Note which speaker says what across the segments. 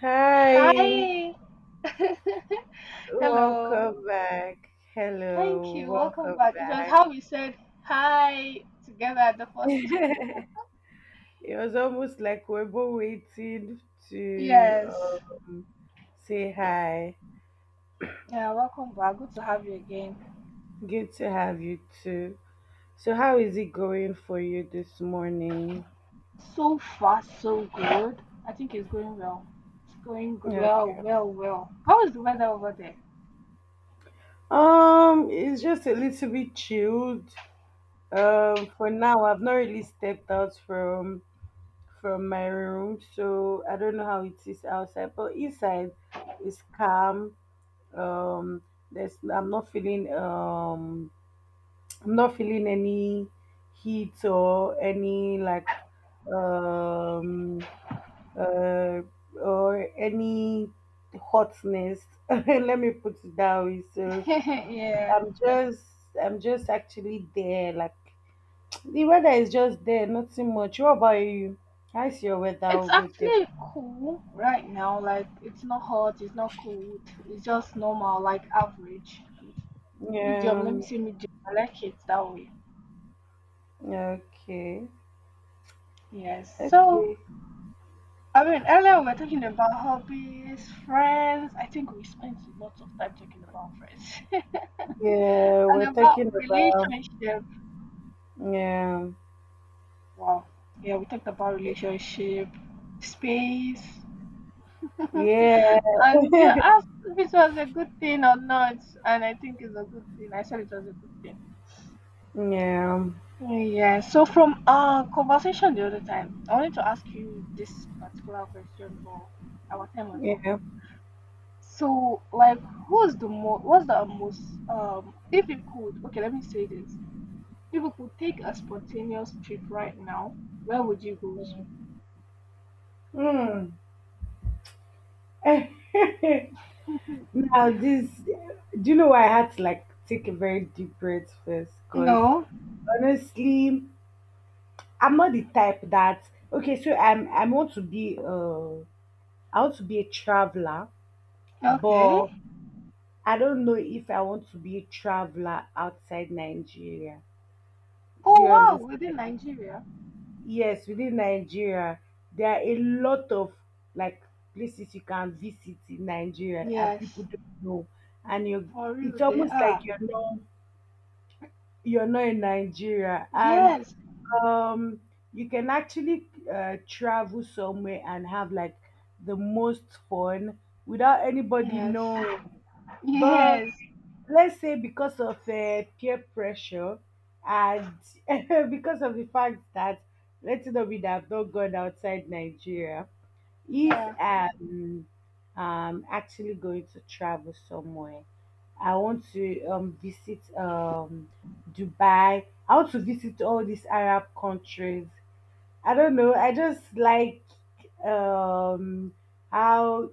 Speaker 1: Hi,
Speaker 2: Hi.
Speaker 1: welcome
Speaker 2: Hello.
Speaker 1: back.
Speaker 2: Thank
Speaker 1: Hello,
Speaker 2: you. Welcome
Speaker 1: welcome
Speaker 2: back. It was
Speaker 1: back.
Speaker 2: how we said hi together at the first.
Speaker 1: It was almost like we're both waiting to
Speaker 2: Yes.
Speaker 1: say hi.
Speaker 2: Yeah, welcome back. Good to have you again.
Speaker 1: Good to have you too. So, how is it going for you this morning?
Speaker 2: So far, so good. I think it's going well. It's going well,
Speaker 1: Okay.
Speaker 2: well, well. How is the weather over there?
Speaker 1: It's just a little bit chilled. For now, I've not really stepped out from my room, so I don't know how it is outside, but inside it's calm. um there's I'm not feeling I'm not feeling any heat or any like um uh or any hotness, let me put it that way. So
Speaker 2: Yeah.
Speaker 1: i'm just I'm just actually there. Like, the weather is just there, nothing much. What about you? How's your weather
Speaker 2: It's
Speaker 1: over there?
Speaker 2: actually cool right now. Like, it's not hot, it's not cold. It's just normal, like average. Medium. Let me
Speaker 1: um
Speaker 2: say medium. I like it that way.
Speaker 1: okay.
Speaker 2: Yes. So,
Speaker 1: Okay.
Speaker 2: I mean, earlier we were talking about hobbies, friends. I think we spent lots of time talking about friends
Speaker 1: Yeah,
Speaker 2: and
Speaker 1: we're
Speaker 2: about
Speaker 1: talking about,
Speaker 2: relationship.
Speaker 1: yeah.
Speaker 2: Wow. Yeah, we talked about relationship, space, and
Speaker 1: Yeah,
Speaker 2: you asked if it was a good thing or not, and I think it's a good thing. I said it was a good thing.
Speaker 1: yeah,
Speaker 2: Yeah. So from our conversation the other time, I wanted to ask you this particular question, but our time was up.
Speaker 1: yeah.
Speaker 2: So, like, who's the most? What's the most if you could okay, let me say this. If you could take a spontaneous trip right now, where would you go to?
Speaker 1: Mm. Eh, now, this, do you know why I had to like take a very deep breath first? Because
Speaker 2: No.
Speaker 1: honestly, I'm not the type that, okay. So I want to be I want to be a traveler,
Speaker 2: Okay.
Speaker 1: but I don't know if I want to be a traveler outside Nigeria. Do
Speaker 2: Oh
Speaker 1: you
Speaker 2: wow, within
Speaker 1: understand?
Speaker 2: Nigeria.
Speaker 1: Yes, within Nigeria, there are a lot of like places you can visit in Nigeria and people
Speaker 2: Yes,
Speaker 1: don't know. And you,
Speaker 2: for real,
Speaker 1: it's
Speaker 2: they
Speaker 1: almost
Speaker 2: are.
Speaker 1: like you're not in Nigeria. And
Speaker 2: Yes,
Speaker 1: um you can actually travel somewhere and have like the most fun without anybody
Speaker 2: yes.
Speaker 1: knowing. But
Speaker 2: Yes.
Speaker 1: let's say because of peer pressure and because of the fact that, let's not be that I've not gone outside Nigeria, if
Speaker 2: Yeah.
Speaker 1: I'm actually going to travel somewhere, I want to visit Dubai. I want to visit all these Arab countries. I don't know, I just like um, how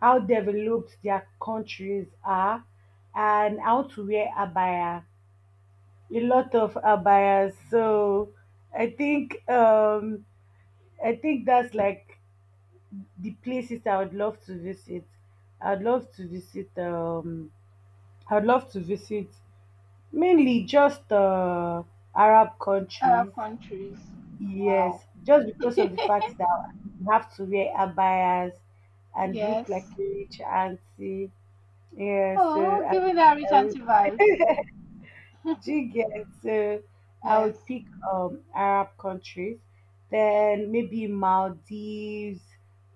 Speaker 1: how developed their countries are, and how to wear abaya, a lot of abayas. So I think, I think that's like the places I would love to visit. I'd love to visit um I'd love to visit mainly just Arab
Speaker 2: Arab
Speaker 1: countries.
Speaker 2: countries. Wow.
Speaker 1: Yes, just because of the fact that you have to wear abayas and look like
Speaker 2: Yes.
Speaker 1: a rich auntie. Yeah, so
Speaker 2: Oh,
Speaker 1: I,
Speaker 2: giving that rich
Speaker 1: I would,
Speaker 2: auntie vibes.
Speaker 1: do you get? So I would
Speaker 2: Yes.
Speaker 1: pick Arab countries, then maybe Maldives.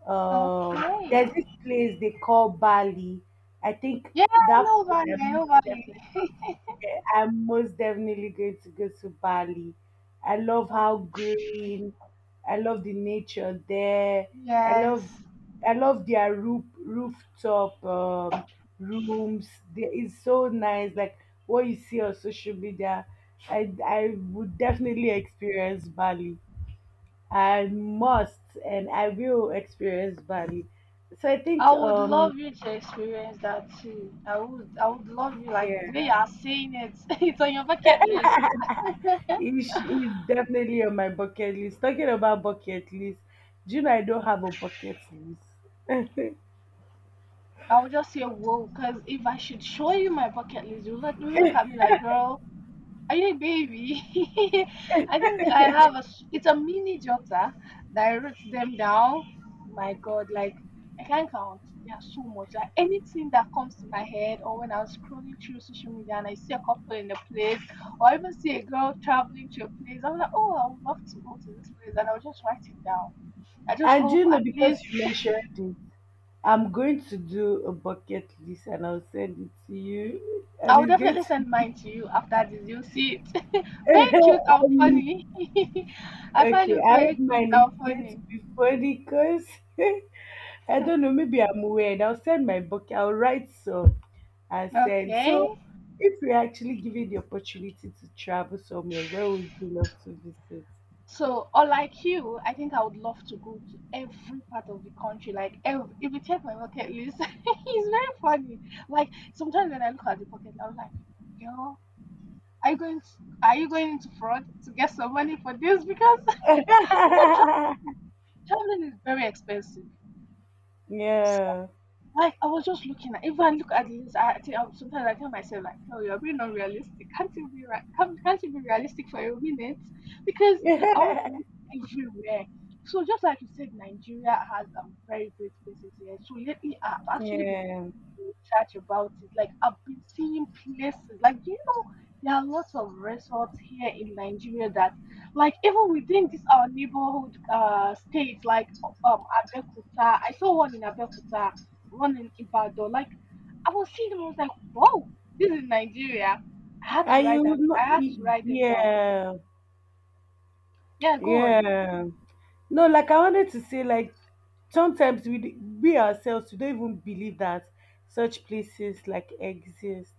Speaker 2: Okay.
Speaker 1: There's this place they call Bali. I think
Speaker 2: Yeah, I
Speaker 1: that
Speaker 2: know Bali.
Speaker 1: place,
Speaker 2: I know Bali.
Speaker 1: yeah, I'm most definitely going to go to Bali. I love
Speaker 2: Oh,
Speaker 1: how green. I love the nature there. I love,
Speaker 2: yes,
Speaker 1: I love their rooftop, rooms. It's so nice. Like, what you see on social media, I would definitely experience Bali. I must, and I will experience Bali. So I
Speaker 2: I
Speaker 1: think,
Speaker 2: would love you to experience that too. I would love you like the way you
Speaker 1: yeah.
Speaker 2: are saying it. It's on your bucket list.
Speaker 1: Ish is definitely on my bucket list. Talking about bucket list, do you know I don't have a bucket list?
Speaker 2: I would just say whoa, because if I should show you my bucket list, you look at me like, girl, are you a baby? I think I have a. s- It's a mini jotter that I wrote them down. My God, like I can't count. There are so much. Like anything that comes to my head, or when I was scrolling through social media and I see a couple in a place, or even see a girl traveling to a place, I'm like, oh, I would love to go to this place, and I'll just write it down. I just
Speaker 1: And do
Speaker 2: hope
Speaker 1: you know,
Speaker 2: at least
Speaker 1: because you mentioned it, I'm going to do a bucket list and I'll send it to you.
Speaker 2: I
Speaker 1: And
Speaker 2: will
Speaker 1: it's going
Speaker 2: definitely
Speaker 1: to,
Speaker 2: send mine to you after this. You'll see it. Very cute and
Speaker 1: um,
Speaker 2: funny. I find
Speaker 1: okay,
Speaker 2: it
Speaker 1: I
Speaker 2: very
Speaker 1: hope
Speaker 2: cute
Speaker 1: mine is
Speaker 2: and
Speaker 1: going to
Speaker 2: funny.
Speaker 1: be funny, because I don't know, maybe I'm weird. I'll send my bucket, I'll write some and send. So
Speaker 2: Okay.
Speaker 1: if you're actually given the opportunity to travel somewhere, where would you love to visit?
Speaker 2: So, or like you, I think I would love to go to every part of the country. Like, ev if you check my bucket list, it's very funny. Like, sometimes when I look at the bucket, I was like, girl, are you going to, are you going into fraud to get some money for this? Because, you know, traveling, traveling is very expensive.
Speaker 1: Yeah.
Speaker 2: Like, I was just looking at if I look at this, I think I, sometimes I tell myself like, "Oh, you're being unrealistic. Can't you be right? Can't you be realistic for a minute?" Because I want to go everywhere. So just like you said, Nigeria has very great places here. So lately, I've actually been
Speaker 1: Yeah.
Speaker 2: research about it. Like I've been seeing places. Like do you know, there are lots of resorts here in Nigeria that, like even within this our neighborhood state, like um Abeokuta. I saw one in Abeokuta one in Ibadan. Like I was seeing them, I was like, "Whoa, this is Nigeria." I had to
Speaker 1: Are
Speaker 2: write
Speaker 1: you
Speaker 2: them. I
Speaker 1: not?
Speaker 2: had to write them down.
Speaker 1: Yeah.
Speaker 2: Yeah, go on.
Speaker 1: Yeah. No, like I wanted to say, like sometimes we ourselves, we don't even believe that such places like exist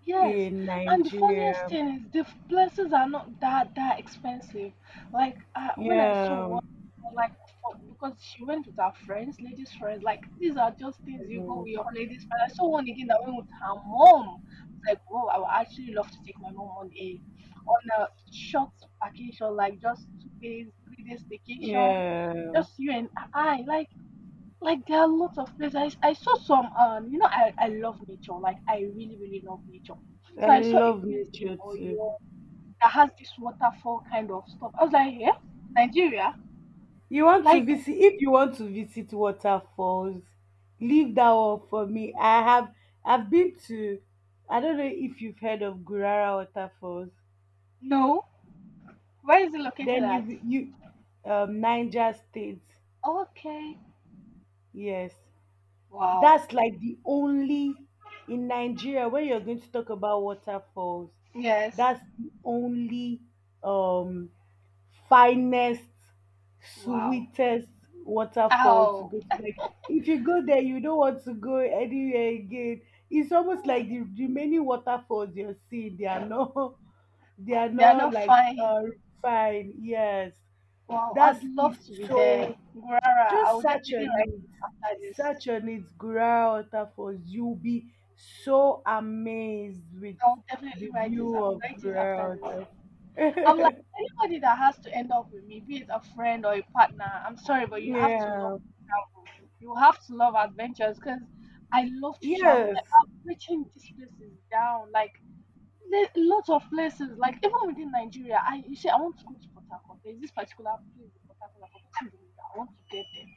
Speaker 2: Yes,
Speaker 1: in
Speaker 2: and the funniest
Speaker 1: Nigeria.
Speaker 2: thing is the f- places are not that expensive. Like when I saw
Speaker 1: Yeah.
Speaker 2: one, for like for, because she went with her friends, ladies friends. Like these are just things you go with
Speaker 1: Mhm.
Speaker 2: your ladies friends. I saw one again that went with her mom. It's like, whoa, I would actually love to take my mom on a short vacation, like just 2 days, 3 days vacation,
Speaker 1: Yeah.
Speaker 2: just you and I. Like there are lots of places. I saw some you know I love nature like I really really love nature.
Speaker 1: I
Speaker 2: So I saw a
Speaker 1: love
Speaker 2: place in
Speaker 1: nature too.
Speaker 2: Oyo that has this waterfall kind of stuff. I was like, yeah, Nigeria?
Speaker 1: You want to
Speaker 2: Like
Speaker 1: visit, if you want to visit waterfalls, leave that one for me. I have, I've been to, I don't know if you've heard of Gurara waterfalls.
Speaker 2: no, where is it located
Speaker 1: Then you've
Speaker 2: at?
Speaker 1: you Niger state.
Speaker 2: Okay,
Speaker 1: Yes,
Speaker 2: wow,
Speaker 1: that's like the only, in Nigeria, when you're going to talk about waterfalls,
Speaker 2: yes,
Speaker 1: that's the only um finest,
Speaker 2: wow,
Speaker 1: sweetest waterfall to
Speaker 2: ow,
Speaker 1: go. If you go there, you don't want to go anywhere again. It's almost
Speaker 2: hmm.
Speaker 1: like the remaining waterfalls you're seeing, they are not, they are
Speaker 2: They are
Speaker 1: not
Speaker 2: not
Speaker 1: like
Speaker 2: fine.
Speaker 1: fine, yes.
Speaker 2: Wow,
Speaker 1: That's
Speaker 2: I'd love
Speaker 1: is,
Speaker 2: to be there,
Speaker 1: so
Speaker 2: Gurara. I
Speaker 1: just
Speaker 2: will
Speaker 1: search
Speaker 2: definitely
Speaker 1: on
Speaker 2: write
Speaker 1: it.
Speaker 2: after this.
Speaker 1: Search on it, Gura waterfalls, you'll be so amazed with
Speaker 2: I will definitely
Speaker 1: the
Speaker 2: write this.
Speaker 1: view
Speaker 2: I'll
Speaker 1: of
Speaker 2: write it after
Speaker 1: Gura
Speaker 2: this.
Speaker 1: waterfalls.
Speaker 2: I'm like anybody that has to end up with me, be it a friend or a partner. I'm sorry, but you have to love
Speaker 1: Yeah.
Speaker 2: travel. You have to love adventures because I love to travel. Like,
Speaker 1: Yes.
Speaker 2: I'm reaching these places down. Like there's lots of places. Like even within Nigeria, I you say I want to go to Port Harcourt. There's this particular place in Port Harcourt. I've forgotten the name. I want to get there.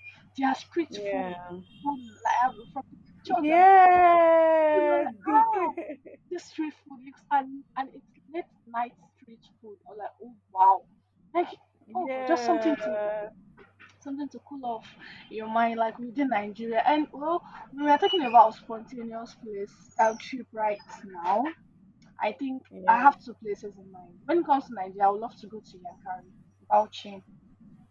Speaker 2: Their street food,
Speaker 1: Yeah.
Speaker 2: food like I've- from the pictures. You know,
Speaker 1: Yeah.
Speaker 2: like, ah, this street food looks and it's late night street food. I'm like, oh wow. Like, oh god, just something to
Speaker 1: Yeah,
Speaker 2: something to cool off your mind, like within Nigeria. And well, we were talking about spontaneous place trip right now. I think I
Speaker 1: yeah.
Speaker 2: have two places in mind. When it comes to Nigeria, I would love to go to Yankari, Bauchi.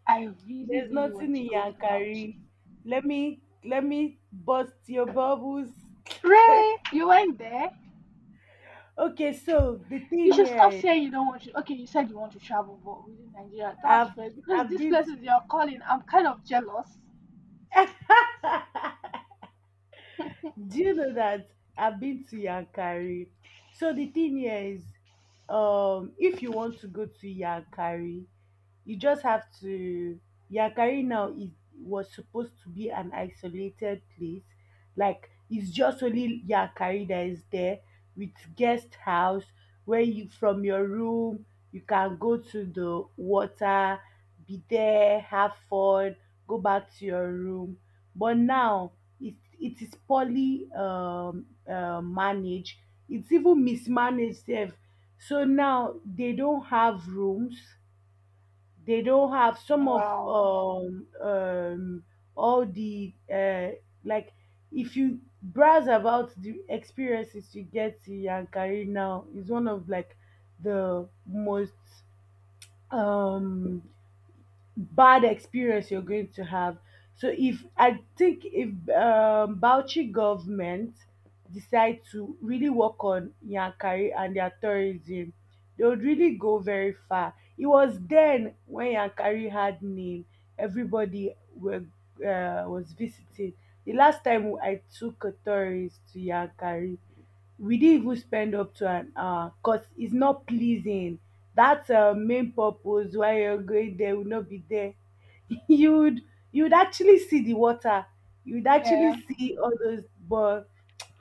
Speaker 2: I really,
Speaker 1: There's
Speaker 2: really want
Speaker 1: nothing
Speaker 2: to
Speaker 1: in
Speaker 2: go to Bauchi.
Speaker 1: Yankari. Let me bust your bubbles.
Speaker 2: Really? You went there?
Speaker 1: Okay, so the
Speaker 2: You
Speaker 1: thing
Speaker 2: should
Speaker 1: here
Speaker 2: stop
Speaker 1: is,
Speaker 2: saying you don't want to. Okay, you said you want to travel, but within Nigeria, that's
Speaker 1: I've
Speaker 2: fair because
Speaker 1: I've
Speaker 2: these
Speaker 1: been to,
Speaker 2: places you're calling, I'm kind of jealous.
Speaker 1: do you know that I've been to Yankari? So the thing here is, if you want to go to Yankari, you just have to, Yakari now is, was supposed to be an isolated place. Like, it's just only Yakari that is there, with guest house where you, from your room you can go to the water, be there, have fun, go back to your room. But now it is poorly managed. It's even mismanaged sef. So now they don't have rooms, they don't have some of
Speaker 2: Wow.
Speaker 1: all the like, if you browse about the experiences you get in Yankari now, is one of like the most um bad experience you're going to have. So if I think, if Bauchi government decide to really work on Yankari and their tourism, they would really go very far. It was then when Yankari had name, everybody were, was visiting. The last time I took a tourist to Yankari, we didn't even spend up to an hour, because it's not pleasing. That's main purpose why you're going there will not be there. you'd you'd actually see the water. You'd
Speaker 2: Yeah.
Speaker 1: actually see all those, but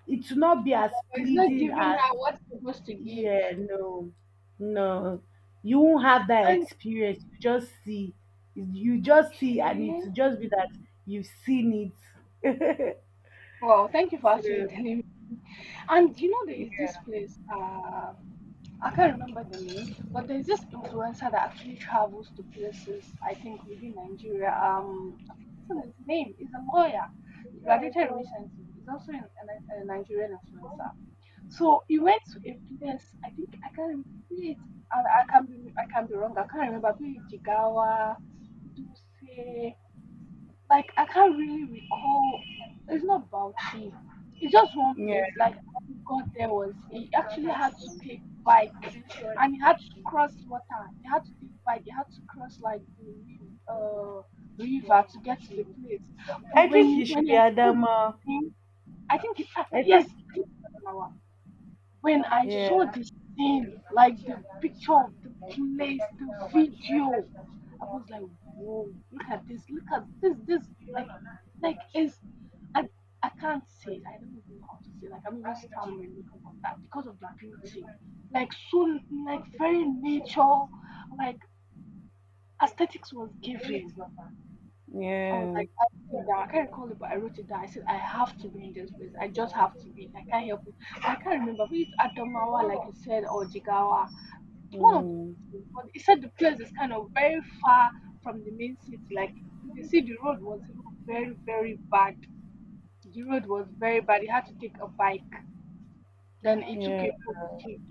Speaker 1: it will not be as
Speaker 2: Yeah. It's not
Speaker 1: pleasing
Speaker 2: giving
Speaker 1: as,
Speaker 2: her what's supposed to give.
Speaker 1: yeah, no, no. You won't have that
Speaker 2: And
Speaker 1: experience. You just see, and it
Speaker 2: okay,
Speaker 1: will just be that you've seen it.
Speaker 2: wow. Thank you for actually
Speaker 1: So
Speaker 2: telling me. And you know, there is
Speaker 1: yeah,
Speaker 2: this place. I can't remember the name, but there's this influencer that actually travels to places. I think within Nigeria. I've forgotten his name. He's a lawyer. He graduated recently. He's also an- a Nigerian influencer. So he went to a place. I think I can't remember. It, I can be I can be wrong. I can't remember. Maybe Jigawa, Duse. Like I can't really recall. It's not Bauchi. It's just one
Speaker 1: yeah.
Speaker 2: place. Like how he got there was he actually had to take bike and he had to cross water. He had to take bike. He had to cross like the riv- uh, river to get to the place. But
Speaker 1: I
Speaker 2: when
Speaker 1: think
Speaker 2: you
Speaker 1: you
Speaker 2: when
Speaker 1: should be
Speaker 2: you saw the
Speaker 1: Adama.
Speaker 2: thing, I think it,
Speaker 1: I
Speaker 2: yes,
Speaker 1: think,
Speaker 2: I think it's Adamawa. When I saw
Speaker 1: yeah,
Speaker 2: the scene, like the picture of the place, the video, I was like, whoa, look at this, this, like, like it's, I, I can't say, it. I don't even know how to say, it. Like, I'm even stammering because of that, because of the beauty. Like, so, like, very nature, like, aesthetics was given. I was
Speaker 1: yeah,
Speaker 2: like, I wrote it down. I can't recall it, but I wrote it down. I said, I have to be in this place. I just have to be. I can't help it. I can't remember if it's Adamawa, like you said, or Jigawa. One of the
Speaker 1: mm,
Speaker 2: places. But he said the place is kind of very far from the main city. Like, you can see the road was even very, very bad. The road was very bad. He had to take a bike. Then it took
Speaker 1: yeah,
Speaker 2: a boat trip.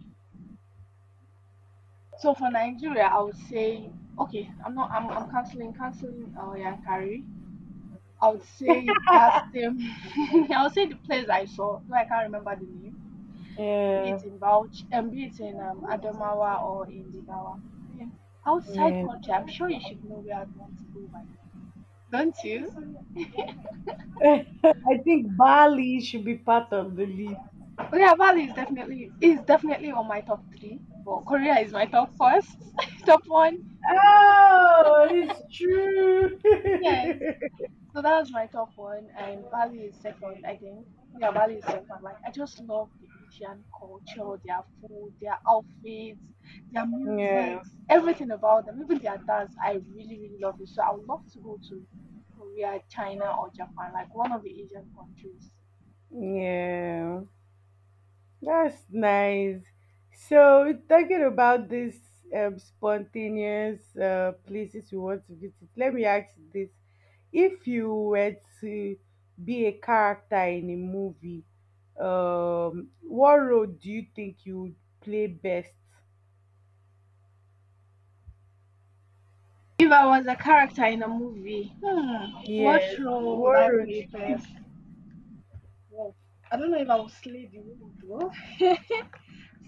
Speaker 2: So for Nigeria, I would say, okay, I'm not, I'm canceling, canceling Yankari. I would say that same. I would say the place I saw, though I can't remember the name, be
Speaker 1: yeah,
Speaker 2: it in Bauchi, and be it in Adamawa or in Jigawa. Then outside
Speaker 1: yeah.
Speaker 2: country, I'm sure you should know where I'd want to go by now. Don't you?
Speaker 1: I think Bali should be part of the list.
Speaker 2: Oh yeah, Bali is definitely on my top three, but Korea is my top first, top one.
Speaker 1: Oh, it's true.
Speaker 2: Yes, so that's my top one, and Bali is second, I think. Yeah, Bali is second. Like, I just love the Asian culture, their food, their outfits, their
Speaker 1: Yeah,
Speaker 2: music, everything about them, even their dance. I really, really love it. So I would love to go to Korea, China, or Japan, like one of the Asian countries.
Speaker 1: yeah. That's nice. So, talking about this spontaneous places you want to visit, let me ask you this. If you were to be a character in a movie, what role do you think you would play best?
Speaker 2: If I was a character in a movie, hmm, what
Speaker 1: Yes,
Speaker 2: role would
Speaker 1: what
Speaker 2: I
Speaker 1: role do
Speaker 2: play
Speaker 1: you-
Speaker 2: best? Wow. I don't know if I would slay the role though.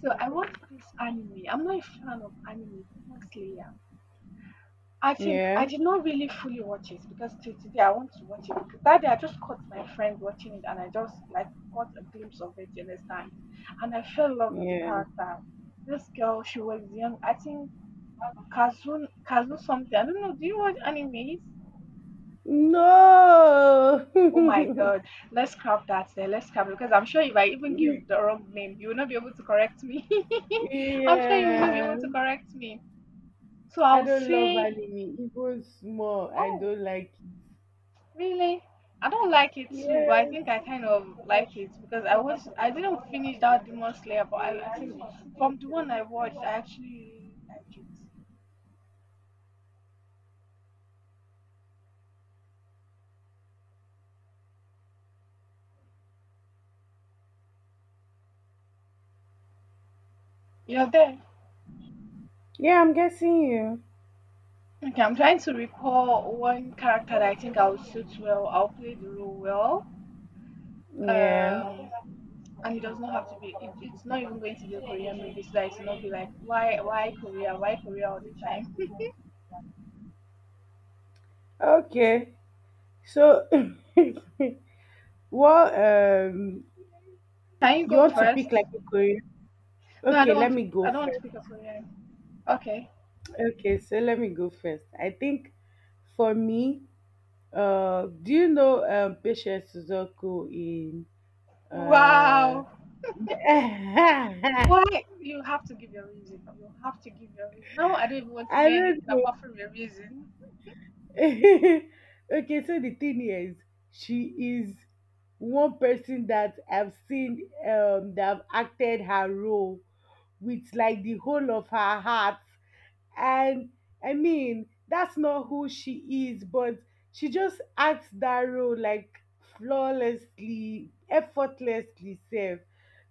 Speaker 2: So I watched this anime. I'm not a fan of anime, Demon Slayer. I think I
Speaker 1: Yeah,
Speaker 2: did not really fully watch it because till today I want to watch it. That day I just caught my friend watching it and I just like caught a glimpse of it, you understand? And I fell in love with the
Speaker 1: yeah.
Speaker 2: character. This girl, she was young. I think Kazu Kazu something. I don't know. Do you watch animes?
Speaker 1: No!
Speaker 2: Oh my god. Let's scrap that there. Let's scrap it because I'm sure if I even give the wrong name, you will not be able to correct me. I'm sure you will not be
Speaker 1: Yeah.
Speaker 2: able to correct me. So
Speaker 1: I
Speaker 2: I'll
Speaker 1: don't love
Speaker 2: say,
Speaker 1: anime, even small. I
Speaker 2: oh,
Speaker 1: don't like,
Speaker 2: really? I don't like it too, but I
Speaker 1: yeah,
Speaker 2: think I kind of like it because I didn't finish that Demon Slayer, but I think from the one I watched, I actually like it. You're there.
Speaker 1: yeah, I'm guessing you.
Speaker 2: Okay, I'm trying to recall one character that I think I'll suit well. I'll play the role well.
Speaker 1: Yeah.
Speaker 2: Um, and it does not have to be. It's not even going to be a Korean movie, so that it's not be like why Korea, why Korea all the time.
Speaker 1: Okay. So, well,
Speaker 2: Can you
Speaker 1: you
Speaker 2: go
Speaker 1: want to
Speaker 2: first?
Speaker 1: pick like a Korean?
Speaker 2: No, I
Speaker 1: Okay,
Speaker 2: don't
Speaker 1: let
Speaker 2: want to.
Speaker 1: me go
Speaker 2: I don't want to pick a
Speaker 1: first.
Speaker 2: Korean. Okay.
Speaker 1: Okay, so let me go first. I think for me, do you know Patience Suzuku in uh?
Speaker 2: Wow. Why, you have to give your reason. You have to give your reason. Now I don't even want to
Speaker 1: I
Speaker 2: hear
Speaker 1: don't
Speaker 2: anything
Speaker 1: know.
Speaker 2: apart from your reason.
Speaker 1: Okay, so the thing is, she is one person that I've seen that have acted her role with like the whole of her heart. And I mean, that's not who she is, but she just acts that role like flawlessly, effortlessly safe,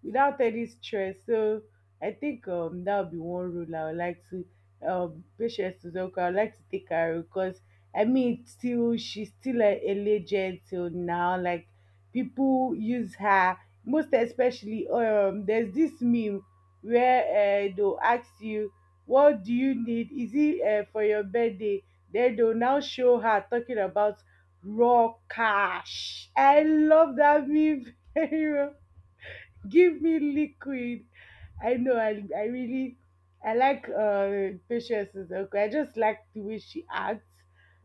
Speaker 1: without any stress. So I think, that would be one rule I would like to, patience to I would like to take her, because I mean, it's still, she's still a legend till now. Like, people use her most especially. There's this meme where they'll ask you, "What do you need? Is it for your birthday?" Then they'll now show her talking about raw cash. I love that meme very much. Give me liquid. I know I really, I like Patience is okay. I just like the way she acts.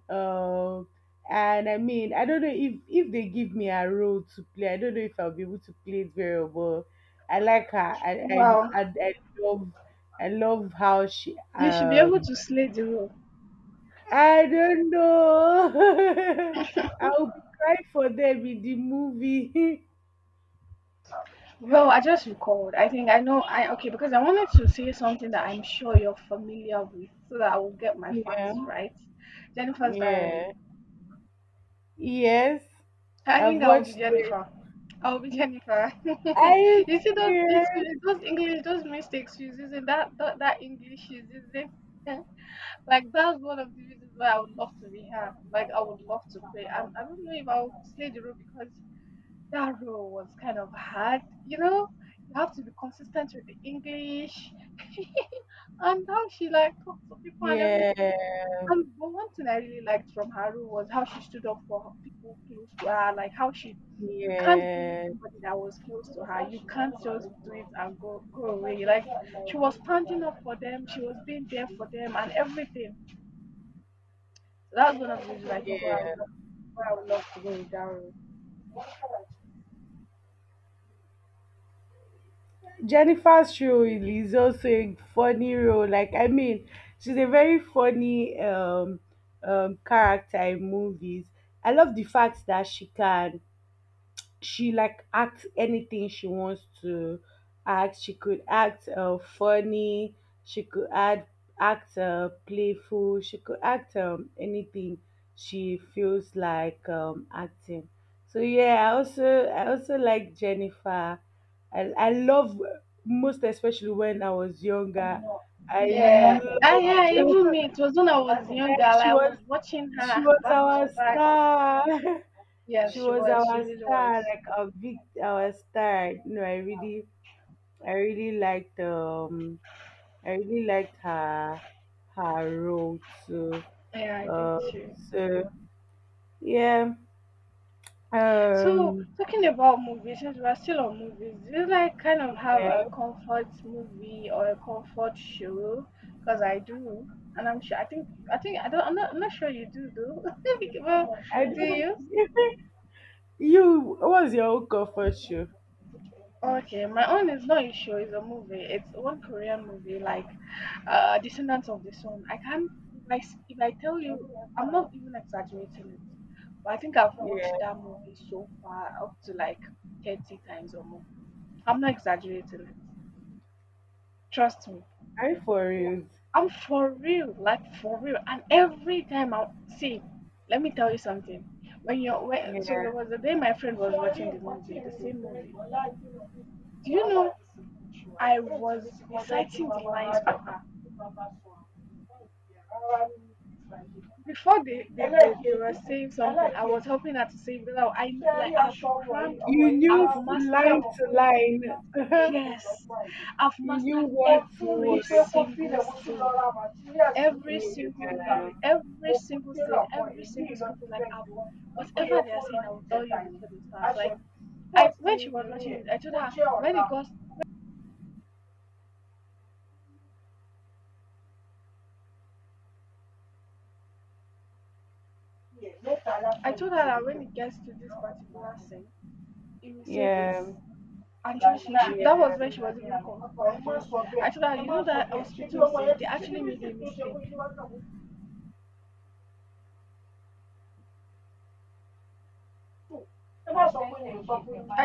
Speaker 1: Um and I mean, I don't know if they give me a role to play, I don't know if I'll be able to play it very well. I like her. I I
Speaker 2: Wow.
Speaker 1: I, I love, I love how she,
Speaker 2: You should be able to slay the role.
Speaker 1: I don't know. I'll be crying for them in the movie.
Speaker 2: Well, I just recalled. I okay, because I wanted to say something that I'm sure you're familiar with so that I will get my facts
Speaker 1: Yeah.
Speaker 2: right. Jennifer's diary.
Speaker 1: Yeah. Yes.
Speaker 2: I
Speaker 1: I've
Speaker 2: think I will be
Speaker 1: watched it.
Speaker 2: Jennifer. I will be Jennifer. You
Speaker 1: Are you
Speaker 2: see those,
Speaker 1: serious?
Speaker 2: literally those English, those mistakes she's using, that English she's using. Like that's one of the reasons why I would love to be her. Like I would love to play. And I don't know if I would play the role because that role was kind of hard. You know, you have to be consistent with the English and how she like talked to people and everything.
Speaker 1: Yeah,
Speaker 2: And but one thing I really liked from her role was how she stood up for people close to her. Like how she, you can't be
Speaker 1: yeah,
Speaker 2: somebody that was close to her. You can't just do it and go away. Like she was standing up for them. She was being there for them and everything. So that's one of the reasons I think why I would
Speaker 1: yeah.
Speaker 2: love, why I would love to go with Daryl.
Speaker 1: Jennifer's role is also a funny role. Like, I mean, she's a very funny, character in movies. I love the fact that she can, she like act anything she wants to act. She could act funny. She could act playful. She could act anything she feels like acting. So yeah, I also like Jennifer. I love, most especially when I was younger. I
Speaker 2: Yeah,
Speaker 1: loved,
Speaker 2: even me. It was when I was younger.
Speaker 1: like,
Speaker 2: Like,
Speaker 1: she
Speaker 2: I
Speaker 1: was,
Speaker 2: was watching
Speaker 1: she
Speaker 2: her
Speaker 1: was
Speaker 2: back to
Speaker 1: our
Speaker 2: back.
Speaker 1: star.
Speaker 2: Yeah,
Speaker 1: She
Speaker 2: she
Speaker 1: was
Speaker 2: was. She
Speaker 1: our
Speaker 2: really was.
Speaker 1: star, like a big our star. You know, I really liked, um, I really liked her, her role too.
Speaker 2: Yeah, I did
Speaker 1: Uh,
Speaker 2: too.
Speaker 1: so yeah,
Speaker 2: So
Speaker 1: um,
Speaker 2: talking about movies, since we're still on movies, do you like kind of have
Speaker 1: yeah,
Speaker 2: a comfort movie or a comfort show? Because I do, and I'm sure. I think. I think I don't. I'm not. I'm not sure you do though. Well,
Speaker 1: I
Speaker 2: do
Speaker 1: don't.
Speaker 2: you?
Speaker 1: You, what was your own comfort show?
Speaker 2: Okay, my own is not a show, it's a movie. It's one Korean movie, like Descendants of the Sun. I can't if I tell you I'm not even exaggerating it. But I think I've watched
Speaker 1: Yeah,
Speaker 2: that movie so far up to like 30 times or more. I'm not exaggerating it. Trust me.
Speaker 1: I for
Speaker 2: But
Speaker 1: real.
Speaker 2: I'm for real, like for real. And every time I see, let me tell you something. So
Speaker 1: Yeah,
Speaker 2: there was a day my friend was watching the movie, the same movie. Do you know I was reciting the lines for her? Before they were saying something, I was helping her to say, well, I've crammed,
Speaker 1: you knew
Speaker 2: I've mastered,
Speaker 1: line to line.
Speaker 2: yes, I've
Speaker 1: You knew
Speaker 2: mastered
Speaker 1: what to
Speaker 2: every
Speaker 1: word.
Speaker 2: single thing, every single
Speaker 1: Yeah,
Speaker 2: lyric, every single thing, every single thing. Like whatever they are saying, I will tell you before they start. Like I when she was watching it, I told her when it goes, I told her that when it gets to this particular thing, it will say this.
Speaker 1: yeah,
Speaker 2: And that
Speaker 1: yeah.
Speaker 2: was when she was even confused. I told her, you know that hospital thing, they actually made a mistake. I told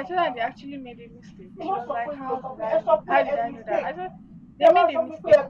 Speaker 2: her they actually made a mistake. She was like, how did I know that? I said, they made a mistake.